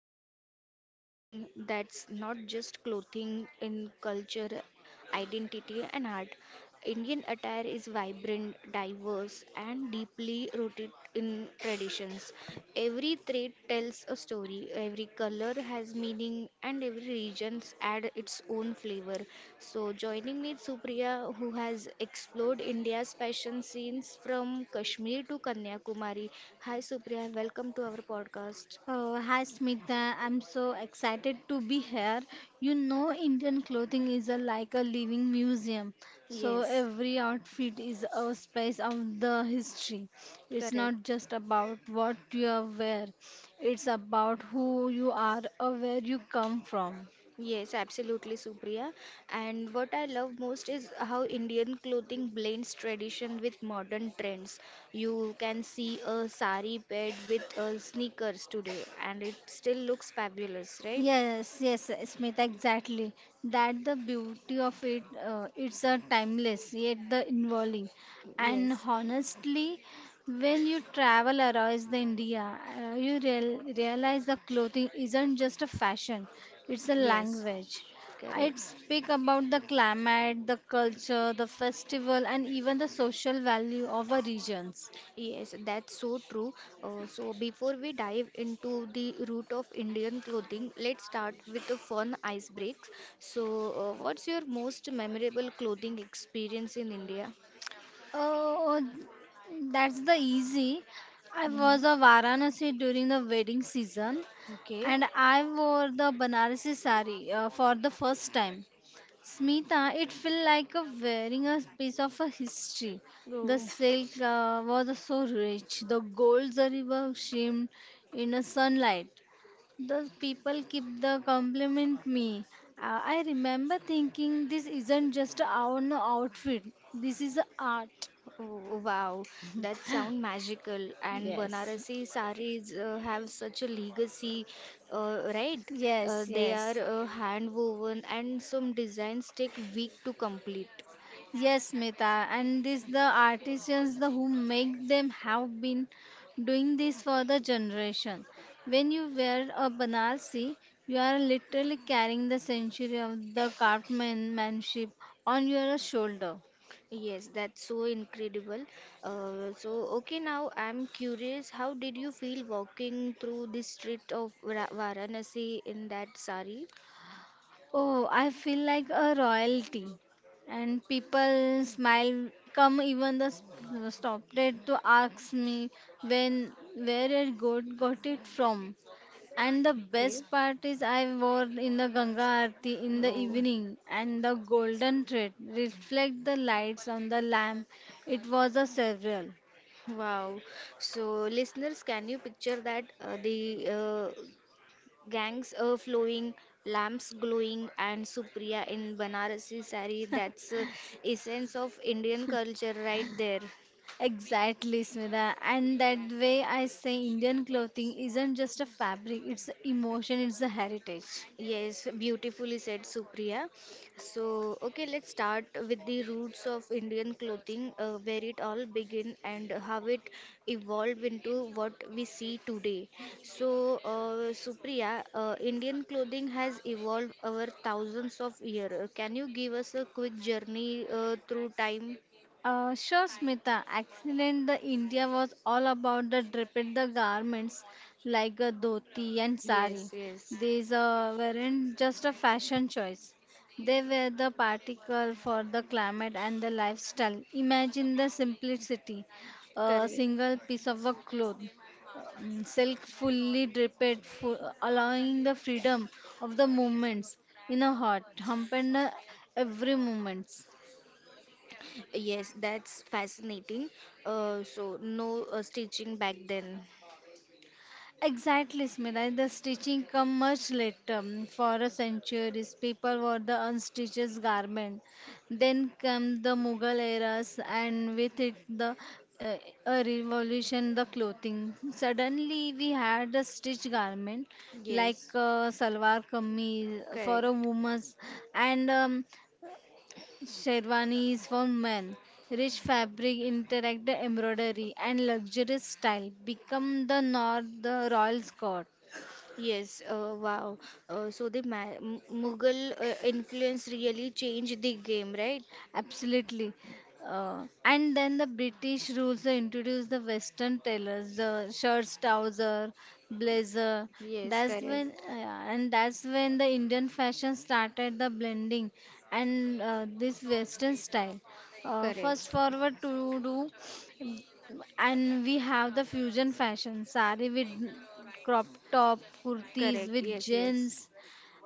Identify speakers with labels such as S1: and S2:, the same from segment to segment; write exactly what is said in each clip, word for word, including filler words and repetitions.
S1: talking about something that's not just clothing in culture identity, and art. Indian attire is vibrant, diverse, and deeply rooted in traditions. Every thread tells a story, every color has meaning, and every region adds its own flavor. So, joining me is Supriya, who has explored India's fashion scenes from Kashmir to Kanyakumari. Hi, Supriya, welcome to our podcast.
S2: Uh, hi Smita, I'm so excited to be here. You know, Indian clothing is a, like a living museum, so
S1: Yes,
S2: every outfit is a space of the history. It's
S1: correct.
S2: not just about what you are wear, it's about who you are or where you come from.
S1: Yes, absolutely, Supriya. And what I love most is how Indian clothing blends tradition with modern trends. You can see a sari paired with uh, sneakers today, and it still looks fabulous, right?
S2: Yes, yes, yes, Smita, exactly. That the beauty of it, uh, it's a timeless yet the involving. And
S1: Yes,
S2: honestly, when you travel around the India, uh, you real, realize the clothing isn't just a fashion; it's a
S1: yes,
S2: language.
S1: correct.
S2: It speak about the climate, the culture, the festival, and even the social value of our regions.
S1: Yes, that's so true. Uh, so, before we dive into the root of Indian clothing, let's start with a fun ice break. So, uh, what's your most memorable clothing experience in India?
S2: Oh, that's the easy. I was
S1: Mm-hmm.
S2: a Varanasi during the wedding season
S1: Okay.
S2: and I wore the Banarasi sari uh, for the first time. Smita, it felt like a wearing a piece of a history. The
S1: Oh,
S2: silk uh, was so rich. The gold zari was shimmered in the sunlight. The people keep the compliment me. Uh, I remember thinking this isn't just our outfit. This is art.
S1: oh, oh, wow. That sound magical. And
S2: Yes.
S1: Banarasi saris uh, have such a legacy, uh, right? Uh,
S2: Yes,
S1: they are
S2: yes.
S1: uh, hand woven and some designs take week to complete.
S2: Yes, Mita. And this the artisans the who make them have been doing this for the generation. When you wear a Banarsi, you are literally carrying the century of the craftsmanship on your shoulder.
S1: Yes, that's so incredible. Uh, so, okay, now I'm curious, how did you feel walking through the street of Ra- Varanasi in that sari?
S2: Oh, I feel like a royalty, and people smile. Come, even the s- uh, stopped it to ask me when where it got got it from. And the
S1: Okay.
S2: best part is I wore in the Ganga Aarti in the
S1: Oh.
S2: evening, and the golden thread reflect the lights on the lamp. It was a several.
S1: Wow. So, listeners, can you picture that? Uh, the uh, gangs uh, flowing, lamps glowing, and Supriya in Banarasi sari. That's uh, essence of Indian culture right there.
S2: Exactly, Smita. And that way I say Indian clothing isn't just a fabric, it's an emotion, it's a heritage.
S1: Yes, beautifully said, Supriya. So, okay, let's start with the roots of Indian clothing, uh, where it all began and how it evolved into what we see today. So, uh, Supriya, uh, Indian clothing has evolved over thousands of years. Can you give us a quick journey uh, through time?
S2: Uh, sure, Smita. Accident the India was all about the draped the garments like a dhoti and sari.
S1: Yes, yes,
S2: These uh, weren't just a fashion choice. They were the particle for the climate and the lifestyle. Imagine the simplicity, a
S1: correct.
S2: single piece of a cloth, um, silk fully draped, fu- allowing the freedom of the movements in a heart, humping every movements.
S1: Yes, that's fascinating. Uh, so, no uh, stitching back then.
S2: Exactly, Smita. The stitching come much later. um, For a centuries, people wore the unstitched garment. Then come the Mughal eras, and with it the uh, a revolution the clothing. Suddenly, we had a stitched garment like
S1: Yes,
S2: uh, salwar kameez for a
S1: correct.
S2: woman's, and um, Sherwanis for men, rich fabric, interactive embroidery, and luxurious style become the North the royal court.
S1: Yes, uh, wow. Uh, so the Ma M- Mughal uh, influence really changed the game, right?
S2: Absolutely. Uh, and then the British rules they introduced the Western tailors, the shirts, trouser, blazer.
S1: Yes,
S2: That's
S1: correct,
S2: when, uh, and that's when the Indian fashion started the blending and uh, this Western style. Uh,
S1: correct,
S2: first forward to do, and we have the fusion fashion, sari with crop top, kurtis
S1: correct.
S2: with
S1: Yes, yes.
S2: jeans,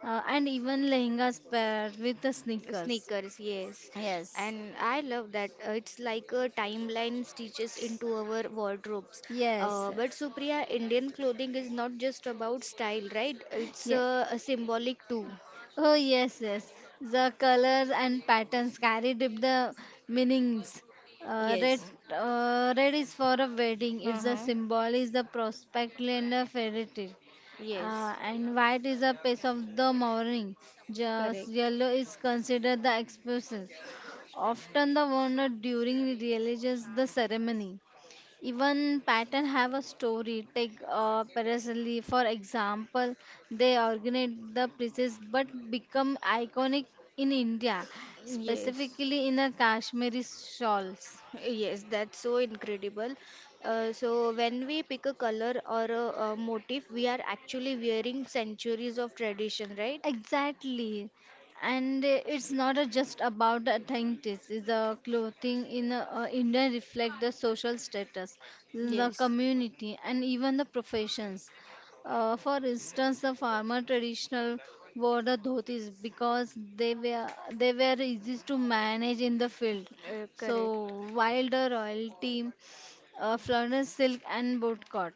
S2: uh, and even lehengas paired with the sneakers.
S1: Sneakers, yes.
S2: Yes.
S1: And I love that. Uh, it's like a timeline stitches into our wardrobes.
S2: Yes,
S1: Uh, but
S2: yes.
S1: Supriya, Indian clothing is not just about style, right? It's
S2: Yeah.
S1: uh, a symbolic too.
S2: Oh, yes, yes. The colors and patterns carry deep the meanings. Uh, red,
S1: Yes.
S2: uh, red is for a wedding. It's a
S1: Uh-huh.
S2: symbol. Is the prospect and a fairy tale.
S1: Yes,
S2: Uh, and white is a piece of the morning. Just
S1: correct.
S2: yellow is considered the expressions. Often the wonder during religious the ceremony. Even pattern have a story. Take uh, Parasoli for example. They organize the pieces but become iconic in India,
S1: Yes.
S2: specifically in a Kashmiri shawls.
S1: Yes, that's so incredible. Uh, so when we pick a color or a, a motif, we are actually wearing centuries of tradition, right?
S2: Exactly. And uh, it's not uh, just about the authenticity. It's The clothing in uh, uh, India reflect the social status, the
S1: Yes,
S2: community, and even the professions. Uh, for instance, the farmer traditional wore the dhotis because they were they were easy to manage in the field.
S1: uh, correct.
S2: So while the royalty uh, floundered silk and bootcut.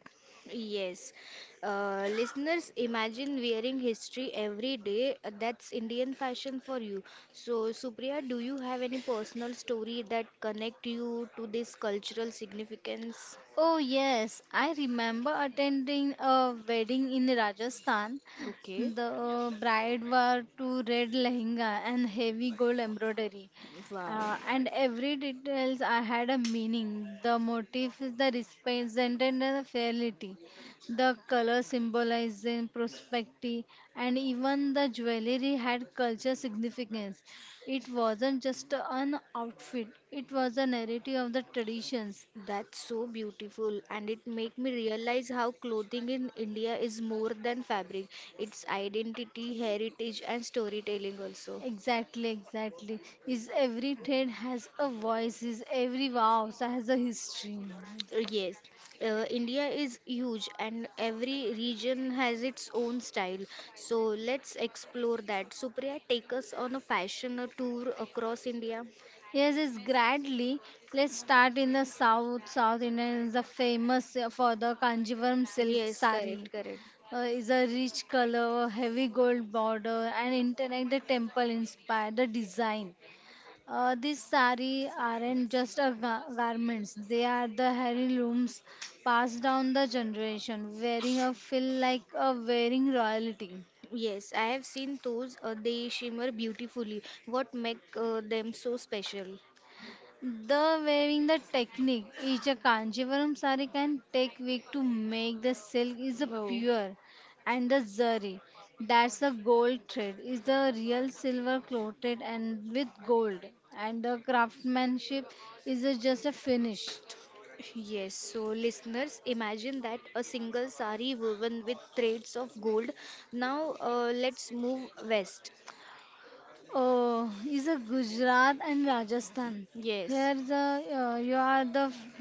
S1: Yes. Uh, listeners, imagine wearing history every day. Uh, That's Indian fashion for you. So, Supriya, do you have any personal story that connect you to this cultural significance?
S2: Oh, yes, I remember attending a wedding in Rajasthan.
S1: Okay.
S2: The bride wore two red lehenga and heavy gold embroidery.
S1: Wow.
S2: Uh, and every details I had a meaning. The motif is the represented the fairly. The color symbolizing prosperity, and even the jewelry had culture significance. It wasn't just an outfit; it was a narrative of the traditions.
S1: That's so beautiful, and it make me realize how clothing in India is more than fabric. It's identity, heritage, and storytelling also.
S2: Exactly, exactly. Is every trade has a voice, is every vows has a history.
S1: Uh, Yes, uh, India is huge, and every region has its own style. So let's explore that. Supriya, take us on a fashion tour across India.
S2: Yes, it's Gradly. Let's start in the south. South India is the famous for the Kanjivaram silk
S1: Yes,
S2: sari.
S1: correct, correct.
S2: Uh, is a rich color, heavy gold border, and interconnected temple inspired the design. Uh, these sari aren't just a ga- garments; they are the heirlooms passed down the generation. Wearing a feel like a wearing royalty.
S1: Yes, I have seen those. Uh, they shimmer beautifully. What make uh, them so special?
S2: The weaving the technique each a Kanjivaram sari can take week to make. The silk is a
S1: Oh.
S2: pure, and the zari, that's a gold thread, is the real silver coated and with gold. And the craftsmanship is a, just a finish.
S1: Yes, so listeners, imagine that a single sari woven with threads of gold. Now, uh, let's move west.
S2: Oh, is a Gujarat and Rajasthan.
S1: Yes.
S2: Here the uh, you are the f-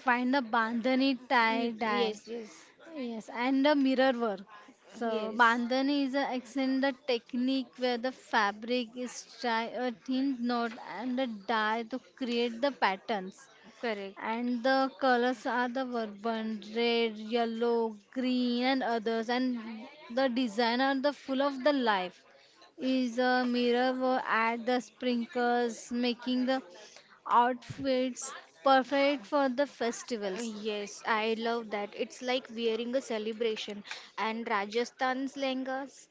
S2: find the bandhani tie
S1: Ye-
S2: dye.
S1: Yes, yes.
S2: Yes, and the mirror work. So
S1: Yes.
S2: bandhani is a accent the technique where the fabric is tie a thin knot and a dye to create the patterns
S1: Correct.
S2: and the colors are the vibrant red yellow green and others and the design are the full of the life is a mirror wo- add the sprinkles making the outfits perfect for the
S1: Uh,
S2: festivals.
S1: Yes, I love that. It's like wearing a celebration. And Rajasthan's lehengas.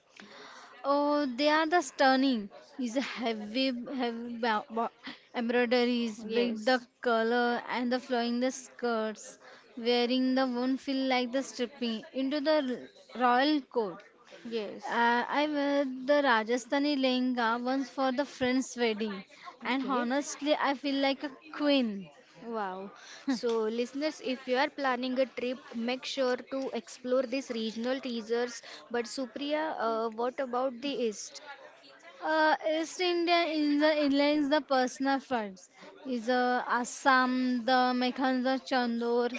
S2: Oh, they are the stunning. Is a heavy, heavy ba- ba- embroideries, with the
S1: Yes.
S2: color and the flowing the skirts. Wearing the won't feel like the stripping into the r- royal court.
S1: Yes.
S2: Uh, I wear the Rajasthani lehenga once for the friend's wedding, and
S1: Okay.
S2: honestly, I feel like a queen.
S1: Wow. So, listeners, if you are planning a trip, make sure to explore these regional teasers. But, Supriya, uh, what about the East?
S2: Uh, East India in the inlines the personal fronts. Is uh, Assam, the Mekhan, the Chandur.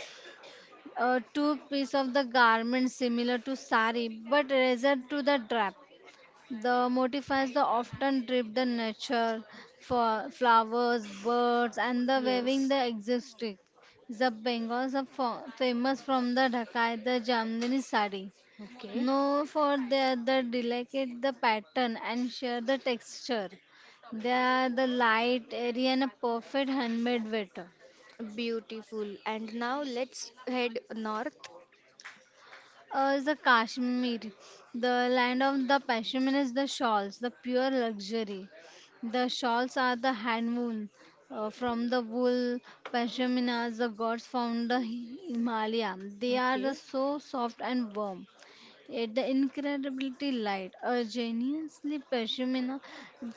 S2: uh, two piece of the garment similar to sari but rather to the drap. The motifs the often drip the nature for flowers, birds, and the weaving
S1: Yes.
S2: the existing. The Bengals are fo- famous from the Dhakai, the Jamdani sari,
S1: Okay.
S2: known for their the delicate the pattern and share the texture. They are the light, airy, and a perfect handmade waiter.
S1: Beautiful. And now let's head north.
S2: Uh, the Kashmir, the land of the pashmin is the shawls, the pure luxury. The shawls are the hand woven uh, from the wool. Pashminas, the gods found the Himalaya. They are the
S1: Okay.
S2: so soft and warm, yet the incredibly light. A genuinely pashmina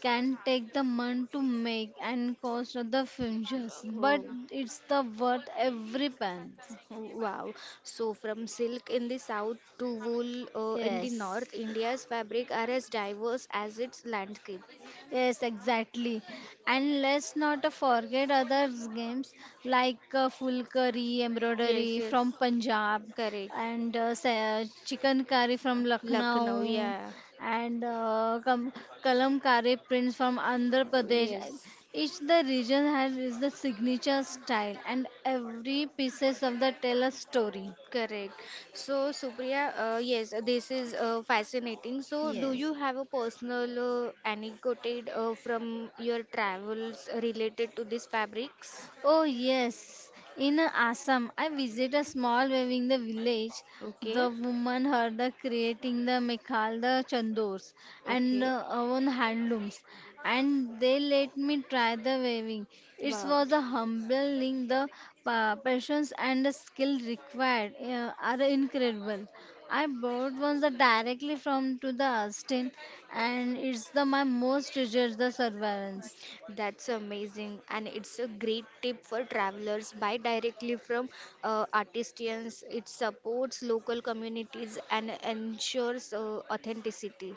S2: can take the month to make and cost the fringes, but
S1: Oh,
S2: it's the worth every pence.
S1: wow. So from silk in the south to wool uh, in the
S2: Yes.
S1: north, India's fabric are as diverse as its landscape.
S2: Yes, exactly. And let's not forget other games like uh, fulkari, embroidery from Punjab,
S1: Correct.
S2: and uh, sa- chicken curry from
S1: Lucknow,
S2: Lucknow,
S1: yeah.
S2: and uh, kam- kalamkari prints from Andhra Pradesh.
S1: Yes.
S2: Each the region has is the signature style, and every pieces of the tell a story.
S1: Correct. So, Supriya, uh, yes, uh, this is uh, fascinating. So, do
S2: Yes,
S1: you have a personal uh, anecdote uh, from your travels related to these fabrics?
S2: oh yes, in Assam, I visited a small weaving the village.
S1: Okay,
S2: The woman heard the creating the mekal, the chandors, and
S1: okay.
S2: uh, own handlooms, and they let me try the weaving. It
S1: Wow,
S2: was a humbling. The pa- patience and the skill required uh, are incredible. I bought one the directly from to the Austin, and it's the my most treasured the surveillance.
S1: that's amazing. And it's a great tip for travelers. Buy directly from uh, artisans. It supports local communities and ensures uh, authenticity.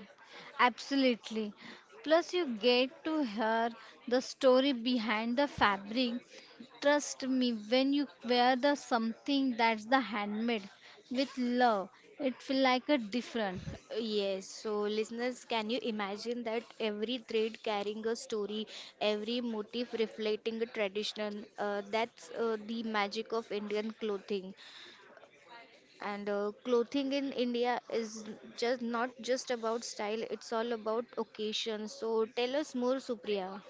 S2: Absolutely. Plus, you get to hear the story behind the fabric. Trust me, when you wear the something that's the handmade with love, it feel like a different.
S1: Yes, so listeners, can you imagine that every thread carrying a story, every motif reflecting a tradition? Uh, that's uh, the magic of Indian clothing. And uh, clothing in India is just not just about style, it's all about occasion. So tell us more, Supriya.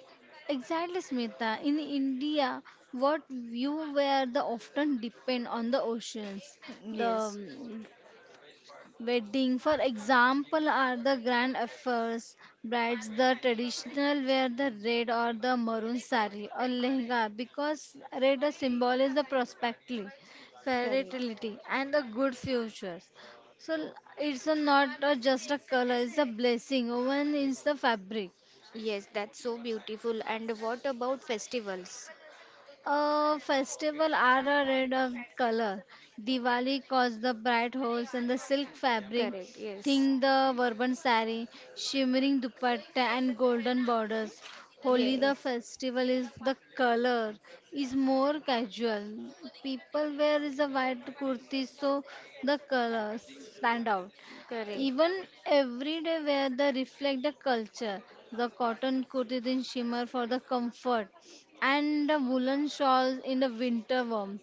S2: Exactly, Smita. In India, what you wear the often depend on the oceans, the
S1: Yes,
S2: Wedding, for example, are the grand affairs. Brides, the traditional wear the red or the maroon sari or lehenga because red is symbolizes the prosperity,
S1: correct.
S2: fertility, and the good futures. So l- it's a not a just a color; it's a blessing woven in the fabric.
S1: Yes, that's so beautiful. And what about festivals?
S2: Uh, festival are a red of color. Diwali cause the bright hose and the silk fabric,
S1: Correct, yes.
S2: thin the Varban sari, shimmering dupatta and golden borders. Holi the
S1: Yes,
S2: festival is the color is more casual. People wear is a white kurti so the colors stand out.
S1: correct.
S2: Even everyday wear the reflect the culture. The cotton kurtis in shimmer for the comfort, and the woolen shawls in the winter warmth.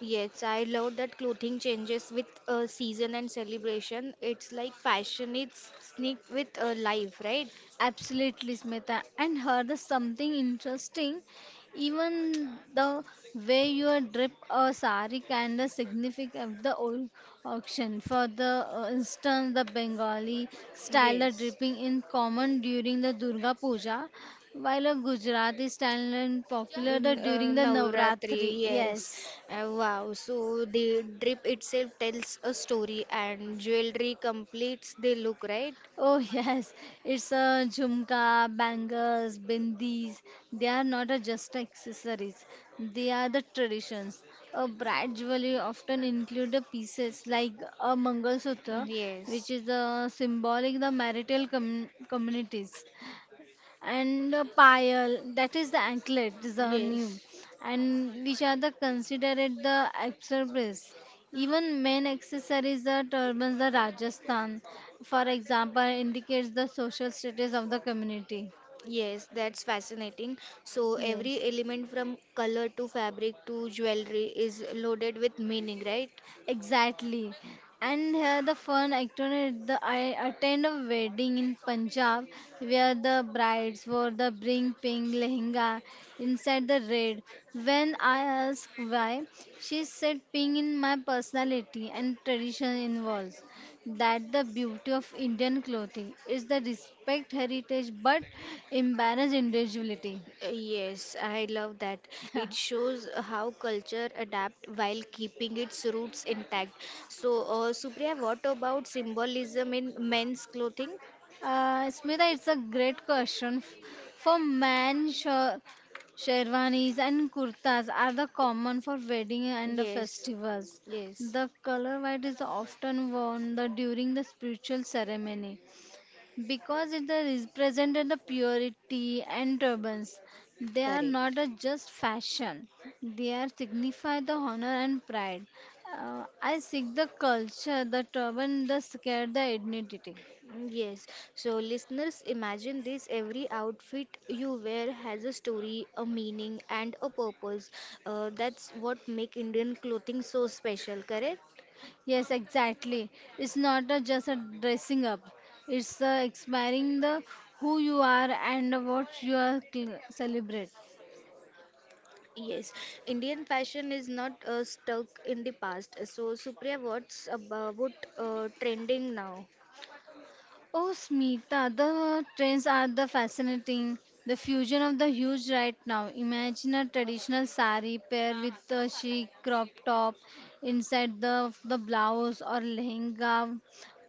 S1: Yes, I love that clothing changes with uh, season and celebration. It's like fashion, it's sneak with uh, life, right?
S2: Absolutely, Smita. And heard the something interesting. Even the way you drip a sari kind of significant of the au- auction. For the uh, instance, the Bengali style of
S1: Yes.
S2: dripping in common during the Durga Puja, while a Gujarati style and popular the,
S1: In uh,
S2: during the
S1: Navratri,
S2: Navratri.
S1: yes.
S2: Yes.
S1: Uh, wow. So the drip itself tells a story and jewelry completes the look, right?
S2: Oh, yes, it's a jhumka, bangles, bindis. They are not a just accessories. They are the traditions. A bride jewelry often include the pieces like a mangalsutra, which
S1: Yes.
S2: is a symbolic the marital com- communities and a pile that is the anklet is the new
S1: Yes.
S2: and which are the considered the accessories even men accessories the turbans the Rajasthan for example indicates the social status of the community
S1: Yes, that's fascinating. So
S2: yes.
S1: every element from color to fabric to jewelry is loaded with meaning, right?
S2: Exactly. And here the fun acted the I attend a wedding in Punjab where the brides wore the bring pink lehenga inside the red. When I asked why, she said pink in my personality and tradition involves that the beauty of Indian clothing is the respect heritage but embrace individuality.
S1: Uh, Yes, I love that. It shows how culture adapt while keeping its roots intact. So, uh, Supriya, what about symbolism in men's clothing?
S2: Uh, Smita, it's a great question. F- For men, sher- sherwanis and kurtas are the common for wedding and
S1: Yes,
S2: festivals.
S1: yes.
S2: The color white is often worn the, during the spiritual ceremony because it represented the purity and turbans. They are
S1: Correct.
S2: not a just fashion; they are signify the honor and pride. Uh, I seek the culture, the turban, the scare, the identity.
S1: Mm, yes. So, listeners, imagine this every outfit you wear has a story, a meaning, and a purpose. Uh, that's what make Indian clothing so special, correct?
S2: Yes, exactly. It's not a, just a dressing up. It's the expiring the who you are and what you are cl- celebrate.
S1: Yes, Indian fashion is not uh, stuck in the past. So, Supriya, what's about uh, trending now?
S2: Oh, Smita, the trends are the fascinating. The fusion of the huge right now. Imagine a traditional sari pair with a chic crop top inside the the blouse or lehenga,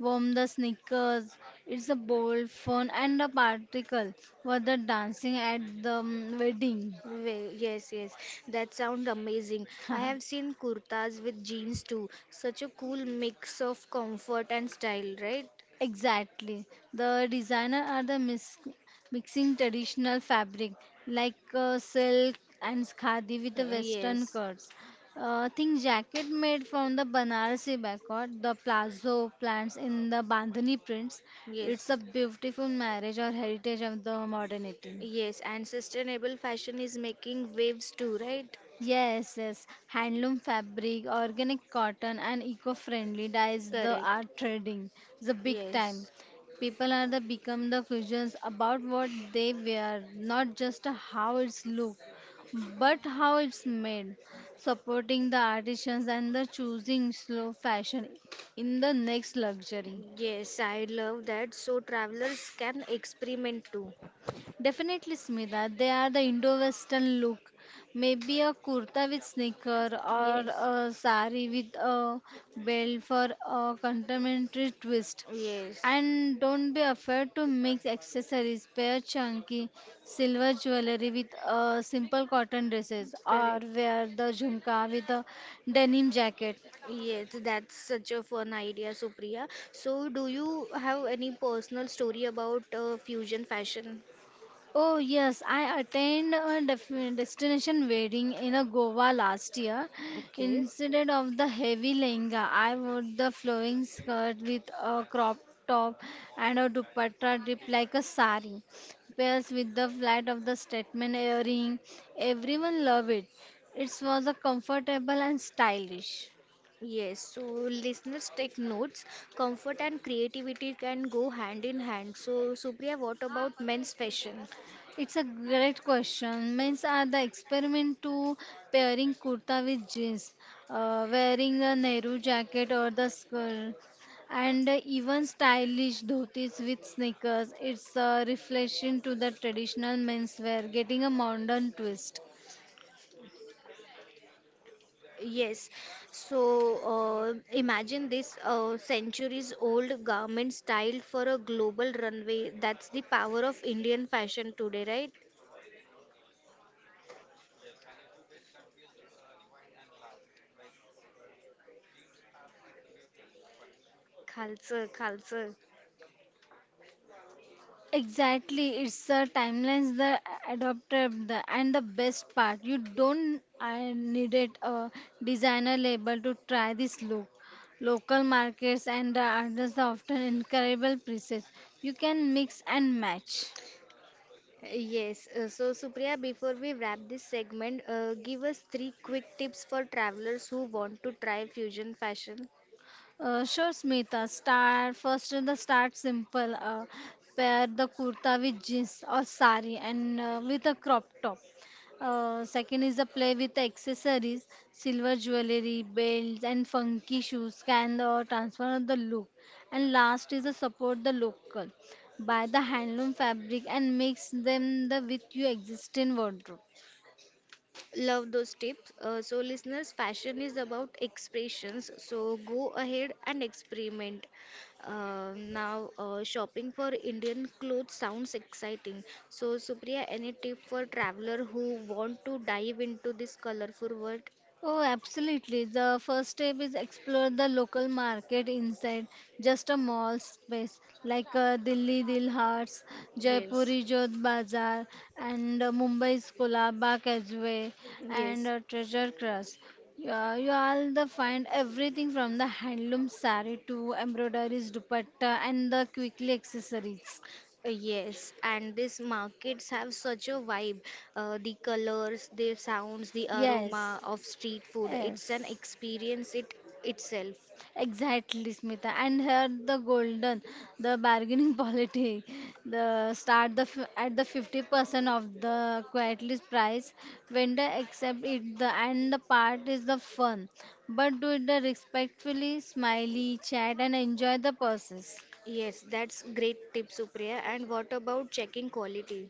S2: warm the sneakers. It's a bold, fun, and a particle for the dancing at the mm, wedding.
S1: Wa- Yes, yes, that sounds amazing. I have seen kurtas with jeans too. Such a cool mix of comfort and style, right?
S2: Exactly. The designer are the mis- mixing traditional fabric like uh, silk and khadi with the
S1: Uh,
S2: western
S1: Yes,
S2: cuts. Uh, think jacket made from the Banarasi backward, the plazo plants in the Bandhani prints. It's a
S1: yes,
S2: beautiful marriage or heritage of the modernity.
S1: yes, and sustainable fashion is making waves too, right?
S2: Yes, yes. Handloom fabric, organic cotton, and eco-friendly dyes the are
S1: Correct.
S2: trading the big time.
S1: Yes,
S2: People are the become the curious about what they wear, not just how it's look, but how it's made. Supporting the artisans and the choosing slow fashion in the next luxury.
S1: yes, I love that. So, travelers can experiment too.
S2: Definitely, Smita. They are the Indo-Western look. Maybe a kurta with sneaker or
S1: Yes.
S2: a sari with a belt for a contemporary twist.
S1: Yes,
S2: And don't be afraid to mix accessories. Pair chunky silver jewelry with uh, simple cotton dresses or
S1: correct.
S2: wear the jhumka with a denim jacket.
S1: Yes, that's such a fun idea, Supriya. So, do you have any personal story about uh, fusion fashion?
S2: Oh yes, I attend a def destination wedding in a Goa last year.
S1: Okay.
S2: Instead of the heavy lehenga, I wore the flowing skirt with a crop top and a dupatta dipped like a sari, pairs with the flat of the statement earring. Everyone loved it. It was a comfortable and stylish.
S1: Yes, so listeners take notes. Comfort and creativity can go hand in hand. So, Supriya, what about men's fashion?
S2: It's a great question. Means are the experiment to pairing kurta with jeans, uh, wearing a Nehru jacket or the skirt, and even stylish dhotis with sneakers. It's a reflection to the traditional menswear, getting a modern twist.
S1: Yes, so uh, imagine this uh, centuries old garment style for a global runway. That's the power of Indian fashion today, right? Khalsa, Khalsa.
S2: Exactly, it's the timelines the adopted the, and the best part. You don't I needed a designer label to try this look. Local markets and the others often incredible prices. You can mix and match.
S1: Yes, uh, so Supriya, before we wrap this segment, uh, give us three quick tips for travelers who want to try fusion fashion.
S2: Uh, sure, Smita. Start first. The start simple. Uh, pair the kurta with jeans or sari and uh, with a crop top. Uh, second is the play with the accessories, silver jewelry, belts, and funky shoes can uh, transform the look. And last is the support the local, buy the handloom fabric and mix them the with your existing wardrobe.
S1: Love those tips. Uh, so, listeners, fashion is about expressions, so go ahead and experiment. Uh, now, uh, shopping for Indian clothes sounds exciting. So, Supriya, any tip for traveler who want to dive into this colorful world?
S2: Oh, absolutely. The first step is explore the local market inside just a mall space like uh, Delhi Dil Hearts,
S1: Yes,
S2: Jaipuri Jodh Bazaar, and uh, Mumbai's Kolaba Causeway and
S1: yes.
S2: uh, Treasure Crust. Yeah, you all the find everything from the handloom saree to embroideries, dupatta, and the quickly accessories.
S1: Uh, Yes, and these markets have such a vibe. Uh, the colors, the sounds, the aroma
S2: Yes,
S1: of street food. It's an
S2: yes.
S1: experience it itself.
S2: Exactly, Smita. And here the golden, the bargaining polity, the start the f- at the fifty percent of the quietly price. Vendor accept it, the and the part is the fun, but do it the respectfully, smiley, chat, and enjoy the process.
S1: Yes, that's great tip, Supriya. And what about checking quality?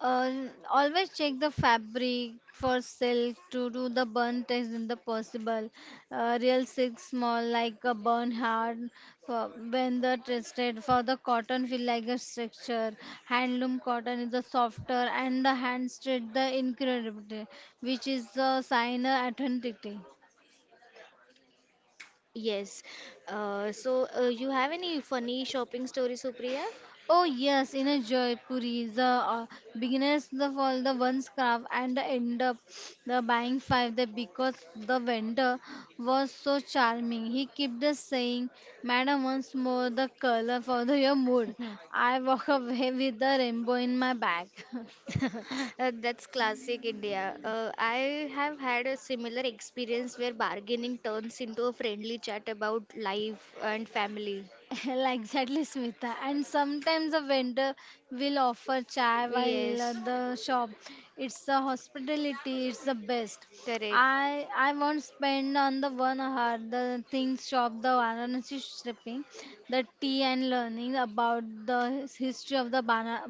S2: Uh, always check the fabric for silk to do the burn test in the possible. Uh, real silk small like a burn hard for when the tested for the cotton feel like a structure. Handloom cotton is a softer and the hand stitch the incredible which is a sign of authenticity.
S1: Yes. Uh, so uh, you have any funny shopping story, Supriya?
S2: Oh yes, in a Jaipuri, the uh, beginners of all the ones scarf and end up the buying five there because the vendor was so charming. He kept the saying, "Madam, once more the color for the, your mood."
S1: Hmm.
S2: I walk away with the rainbow in my bag.
S1: Uh, That's classic India. Uh, I have had a similar experience where bargaining turns into a friendly chat about life and family.
S2: Like exactly, Smita. And sometimes a vendor will offer chai while at
S1: Yes,
S2: the shop. It's the hospitality. It's the best.
S1: correct.
S2: I I won't spend on the one hour the things shop the Varanasi stripping, the tea and learning about the history of the Bana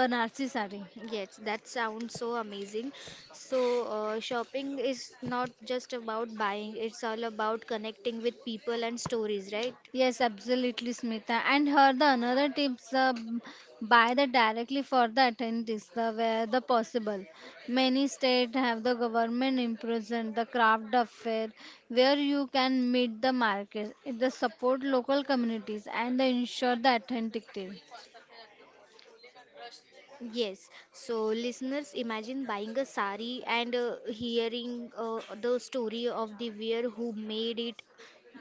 S2: Banarsi sari.
S1: Yes, that sounds so amazing. So, uh, shopping is not just about buying, it's all about connecting with people and stories, right?
S2: Yes, absolutely, Smita. And her the another tips uh, b- buy the directly for the attendees the where the possible. Many state have the government imprisoned the craft of fair where you can meet the market, it the support local communities and the ensure the authenticity.
S1: Yes. So, listeners, imagine buying a sari and uh, hearing uh, the story of the wearer who made it.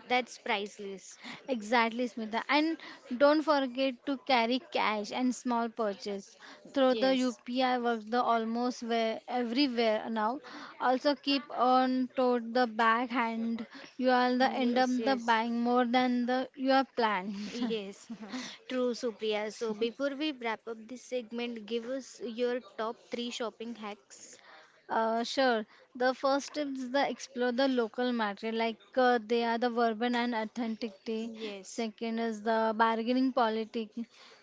S1: That's priceless.
S2: Exactly, Smita. And don't forget to carry cash and small purchase. Through the
S1: Yes.
S2: U P I works the almost where, everywhere now. Also keep on toward the back hand. You are the end up
S1: Yes,
S2: the
S1: yes.
S2: buying more than the you are planned.
S1: Yes, true, Supriya. So before we wrap up this segment, give us your top three shopping hacks.
S2: Uh, sure. The first step is the explore the local market, like uh, they are the urban and authenticity.
S1: Yes,
S2: Second is the bargaining politic.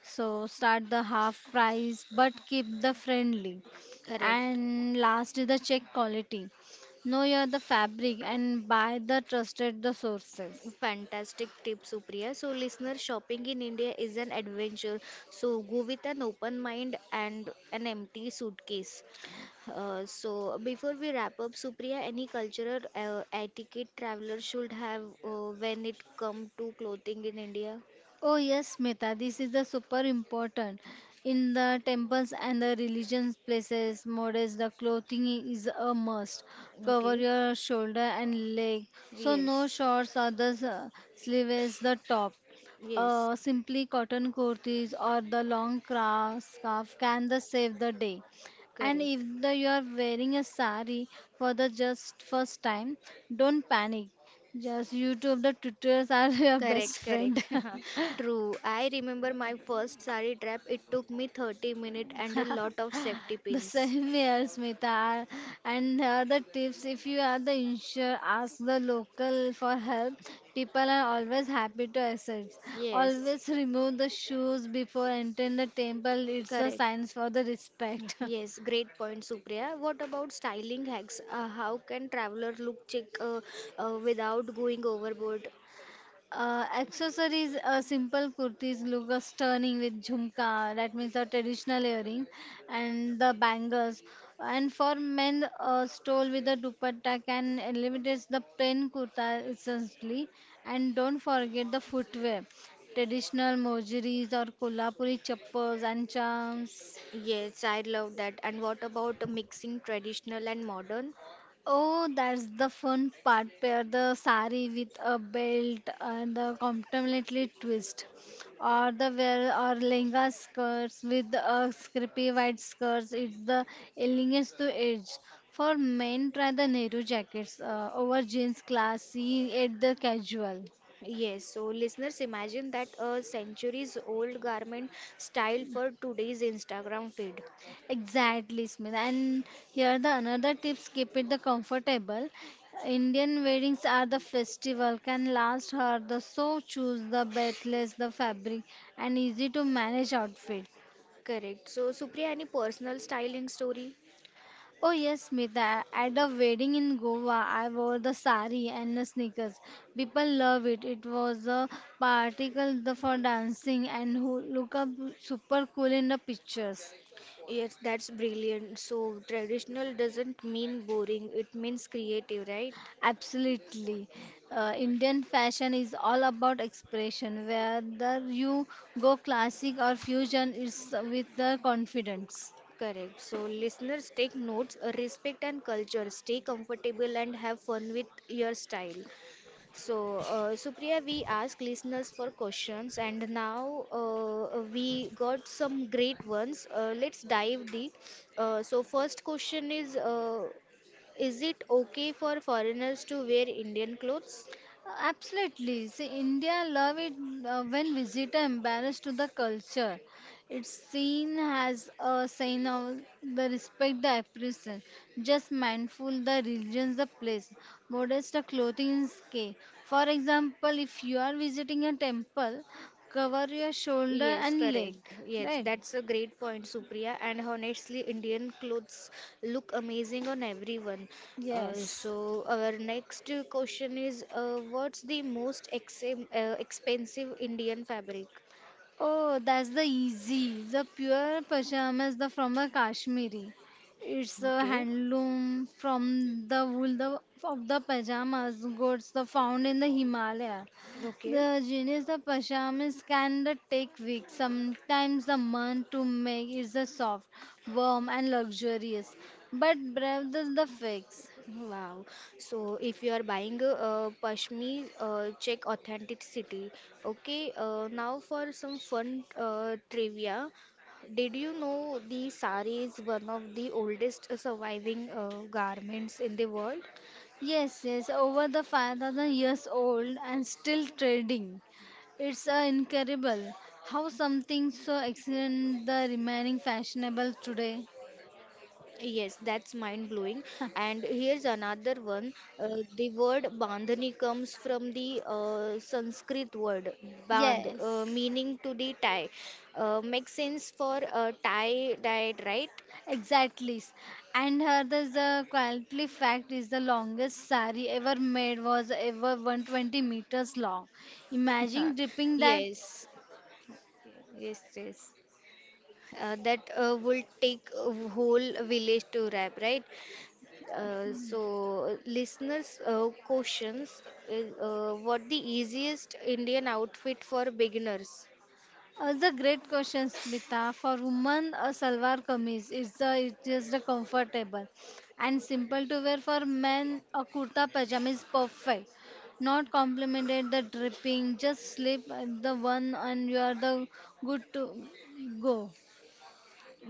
S2: So start the half price, but keep the friendly.
S1: correct.
S2: And last is the check quality. Know your the fabric and buy the trusted the sources.
S1: Fantastic tip, Supriya. So, listener, shopping in India is an adventure. So, go with an open mind and an empty suitcase. Uh, so, before we wrap up, Supriya, any cultural uh, etiquette traveler should have uh, when it come to clothing in India?
S2: Oh yes, Meta, this is the super important. In the temples and the religions places, modest the clothing is a must. Cover
S1: Okay.
S2: your shoulder and leg, so no
S1: Yes.
S2: shorts or the s- sleeves, the top.
S1: Yes.
S2: Uh, simply cotton kurtis or the long cra- scarf can the save the day. And if
S1: Correct.
S2: the, you are wearing a sari for the just first time, don't panic. Just YouTube the tutors are your best
S1: Correct,
S2: friend.
S1: correct. True. I remember my first sari trap. It took me thirty minutes and a lot of safety
S2: The
S1: pins.
S2: same here, Smita. I- And uh, the tips if you are the insurer, ask the local for help. People are always happy to assist.
S1: Yes.
S2: Always remove the shoes before entering the temple. It's a
S1: Correct.
S2: sign for the respect.
S1: Yes, great point, Supriya. What about styling hacks? Uh, how can traveler look check uh, uh, without going overboard?
S2: Uh, accessories, uh, simple kurtis look uh, stunning with jhumka, that means a traditional earring, and the bangles. And for men, uh, stole with the dupatta can eliminate the plain kurta essentially. And don't forget the footwear, traditional mojiris or kolhapuri chappals and charms.
S1: Yes, I love that. And what about mixing traditional and modern?
S2: Oh, that's the fun part. Pair the sari with a belt and the complementary twist, or the wear or lehenga skirts with a scrappy white skirts. It's the elegance to edge. For men, try the Nehru jackets uh, over jeans, classy, at the casual.
S1: Yes, so listeners, imagine that a centuries old garment style for today's Instagram feed.
S2: Exactly, Smita. And here the another tips keep it the comfortable. Indian weddings are the festival can last her the so choose the breathless the fabric and easy to manage outfit.
S1: Correct. So, Supriya, any personal styling story?
S2: Oh yes, Smita. At a wedding in Goa, I wore the sari and the sneakers. People love it. It was a particle the for dancing and who look up super cool in the pictures.
S1: Yes, that's brilliant. So, traditional doesn't mean boring, it means creative, right?
S2: Absolutely. Uh, Indian fashion is all about expression. Whether you go classic or fusion, it's with the confidence.
S1: Correct. So, listeners, take notes, respect and culture, stay comfortable and have fun with your style. So, uh, Supriya, we ask listeners for questions, and now uh, we got some great ones. Uh, let's dive deep. Uh, so, first question is, uh, is it okay for foreigners to wear Indian clothes?
S2: Absolutely. See, India love it uh, when visitor embarrassed to the culture. It's seen as a sign of the respect, the appreciation. Just mindful the religions, the place. Modest the clothing is key. For example, if you are visiting a temple, cover your shoulder
S1: Yes,
S2: and leg,
S1: correct. Yes,
S2: right?
S1: that's a great point, Supriya. And honestly, Indian clothes look amazing on everyone. Uh,
S2: Yes.
S1: so our next uh, question is, uh, what's the most ex uh, expensive Indian fabric?
S2: Oh, that's the easy, the pure pajamas the from a Kashmiri. It's a
S1: Okay.
S2: handloom from the wool the, of the pajamas goods the found in the Himalaya.
S1: Okay.
S2: The genius the pajamas can the take weeks, sometimes a month to make. It's a soft, warm and luxurious, but breath is the fix.
S1: Wow. So if you are buying uh, Pashmi, uh, check authenticity. Okay. Uh, now for some fun uh, trivia. Did you know the sari is one of the oldest surviving uh, garments in the world?
S2: Yes, yes, over the five thousand years old and still trading. It's uh, incredible how something so excellent the remaining fashionable today.
S1: Yes, that's mind blowing. And here's another one. Uh, the word bandhani comes from the uh, Sanskrit word bandh, uh,
S2: Yes,
S1: meaning to the tie. Uh, makes sense for uh, tie diet, right?
S2: exactly. And her there's the quietly fact is the longest sari ever made was ever one hundred twenty meters long. Imagine dripping that.
S1: Yes, yes, yes. Uh, that uh, will take a whole village to wrap, right? Uh, so, listeners' uh, questions is uh, what the easiest Indian outfit for beginners?
S2: Uh, the great question, Smita. For women, a salwar kameez is the it is the comfortable and simple to wear. For men, a kurta pajama is perfect. Not complimented the dripping, just slip the one and you are the good to go.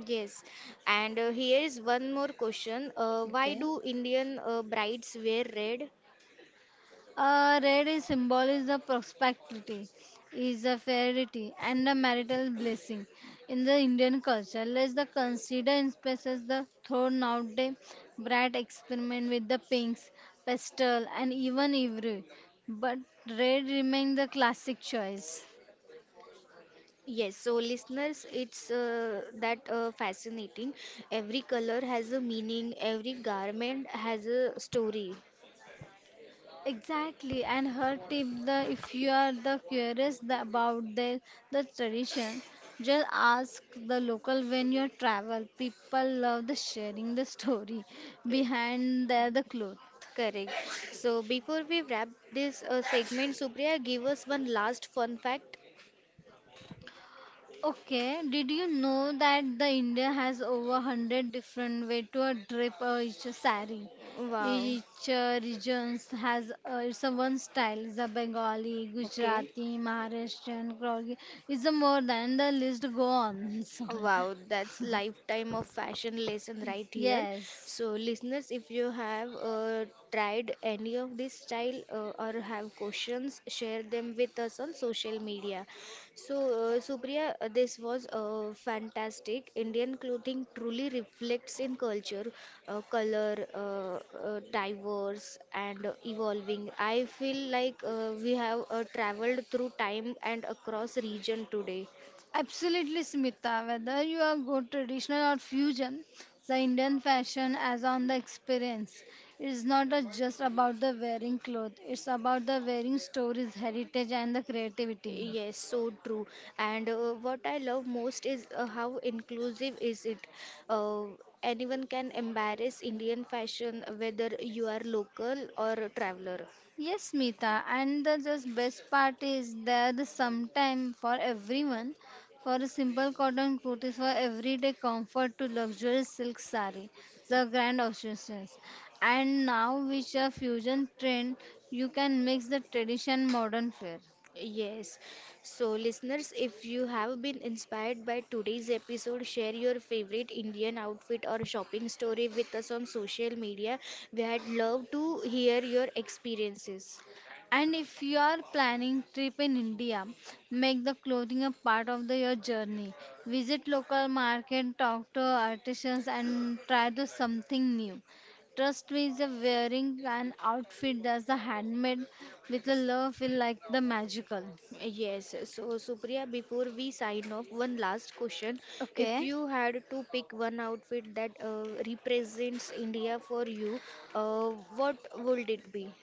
S1: Yes, and uh, here is one more question. Uh, why
S2: Okay.
S1: do Indian uh, brides wear red?
S2: Uh, red is symbol is the prosperity, is the fertility and the marital blessing. In the Indian culture, let's the consider in spaces the thrown out day, bright experiment with the pinks, pastel and even ivory. But red remains the classic choice.
S1: Yes, so listeners, it's uh, that uh, fascinating. Every color has a meaning, every garment has a story.
S2: Exactly, and her tip the if you are the curious the, about the the tradition, just ask the local when you travel. People love the sharing the story
S1: Eh,
S2: behind the, the cloth.
S1: Correct. So before we wrap this uh, segment, Supriya, give us one last fun fact.
S2: Okay, did you know that the India has over one hundred different way to a drape uh, each sari?
S1: Wow.
S2: Each uh, regions has uh, its a one style. The Bengali,
S1: Okay.
S2: Gujarati, Maharashtrian, Kogi is a more than the list go on.
S1: Wow, that's lifetime of fashion lesson
S2: So,
S1: right here.
S2: yes.
S1: So, listeners, if you have uh, tried any of this style uh, or have questions, share them with us on social media. So, uh, Supriya, uh, this was uh, fantastic. Indian clothing truly reflects in culture, uh, color, uh, uh, diverse and evolving. I feel like uh, we have uh, traveled through time and across region today.
S2: Absolutely, Smita. Whether you are go traditional or fusion, the Indian fashion as on the experience. It's not a- just about the wearing clothes. It's about the wearing stories, heritage, and the creativity.
S1: Yes, so true. And uh, what I love most is uh, how inclusive is it. Uh, Anyone can embrace Indian fashion, whether you are local or a traveler.
S2: Yes, Smita, and the just best part is there is some time for everyone. For a simple cotton kurtis for everyday comfort to luxurious silk saree, the grand options. And now with a fusion trend, you can mix the tradition modern fare.
S1: Yes. So, listeners, if you have been inspired by today's episode, share your favorite Indian outfit or shopping story with us on social media. We had love to hear your experiences.
S2: And if you are planning trip in India, make the clothing a part of the, your journey. Visit local market, talk to artisans, and try to something new. Trust me, the wearing an outfit that's a handmade with a love will like the magical.
S1: Yes, so Supriya, before we sign off, one last question. If
S2: Okay.
S1: you had to pick one outfit that uh, represents India for you, uh, what would it be?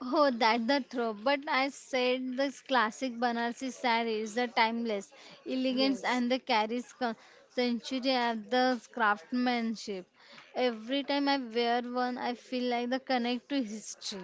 S2: Oh, that's the throw. But I said this classic Banarsi saree is the timeless elegance
S1: Yes,
S2: and the carries con- century of the craftsmanship. Every time I wear one, I feel like the connect to history.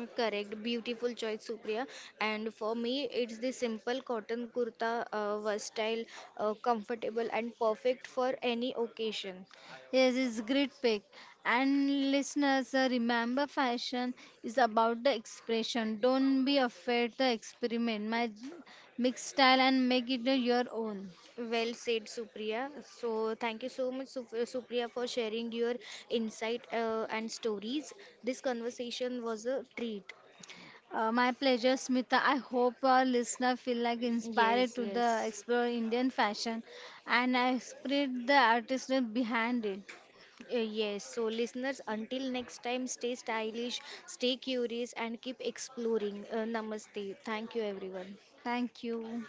S1: uh, correct. Beautiful choice, Supriya. And for me, it's the simple cotton kurta, uh, versatile, uh, comfortable, and perfect for any occasion.
S2: Yes, it's great pick. And listeners, uh, remember fashion is about the expression. Don't be afraid to experiment, my mix style and make it your own.
S1: Well said, Supriya. So, thank you so much, Sup- uh, Supriya, for sharing your insight uh, and stories. This conversation was a treat.
S2: Uh, my pleasure, Smita. I hope our listener feel like inspired
S1: Yes,
S2: to the
S1: yes.
S2: explore Indian fashion and I spread the artistry behind it.
S1: Uh, yes. So, listeners, until next time, stay stylish, stay curious, and keep exploring. Uh, namaste. Thank you, everyone.
S2: Thank you.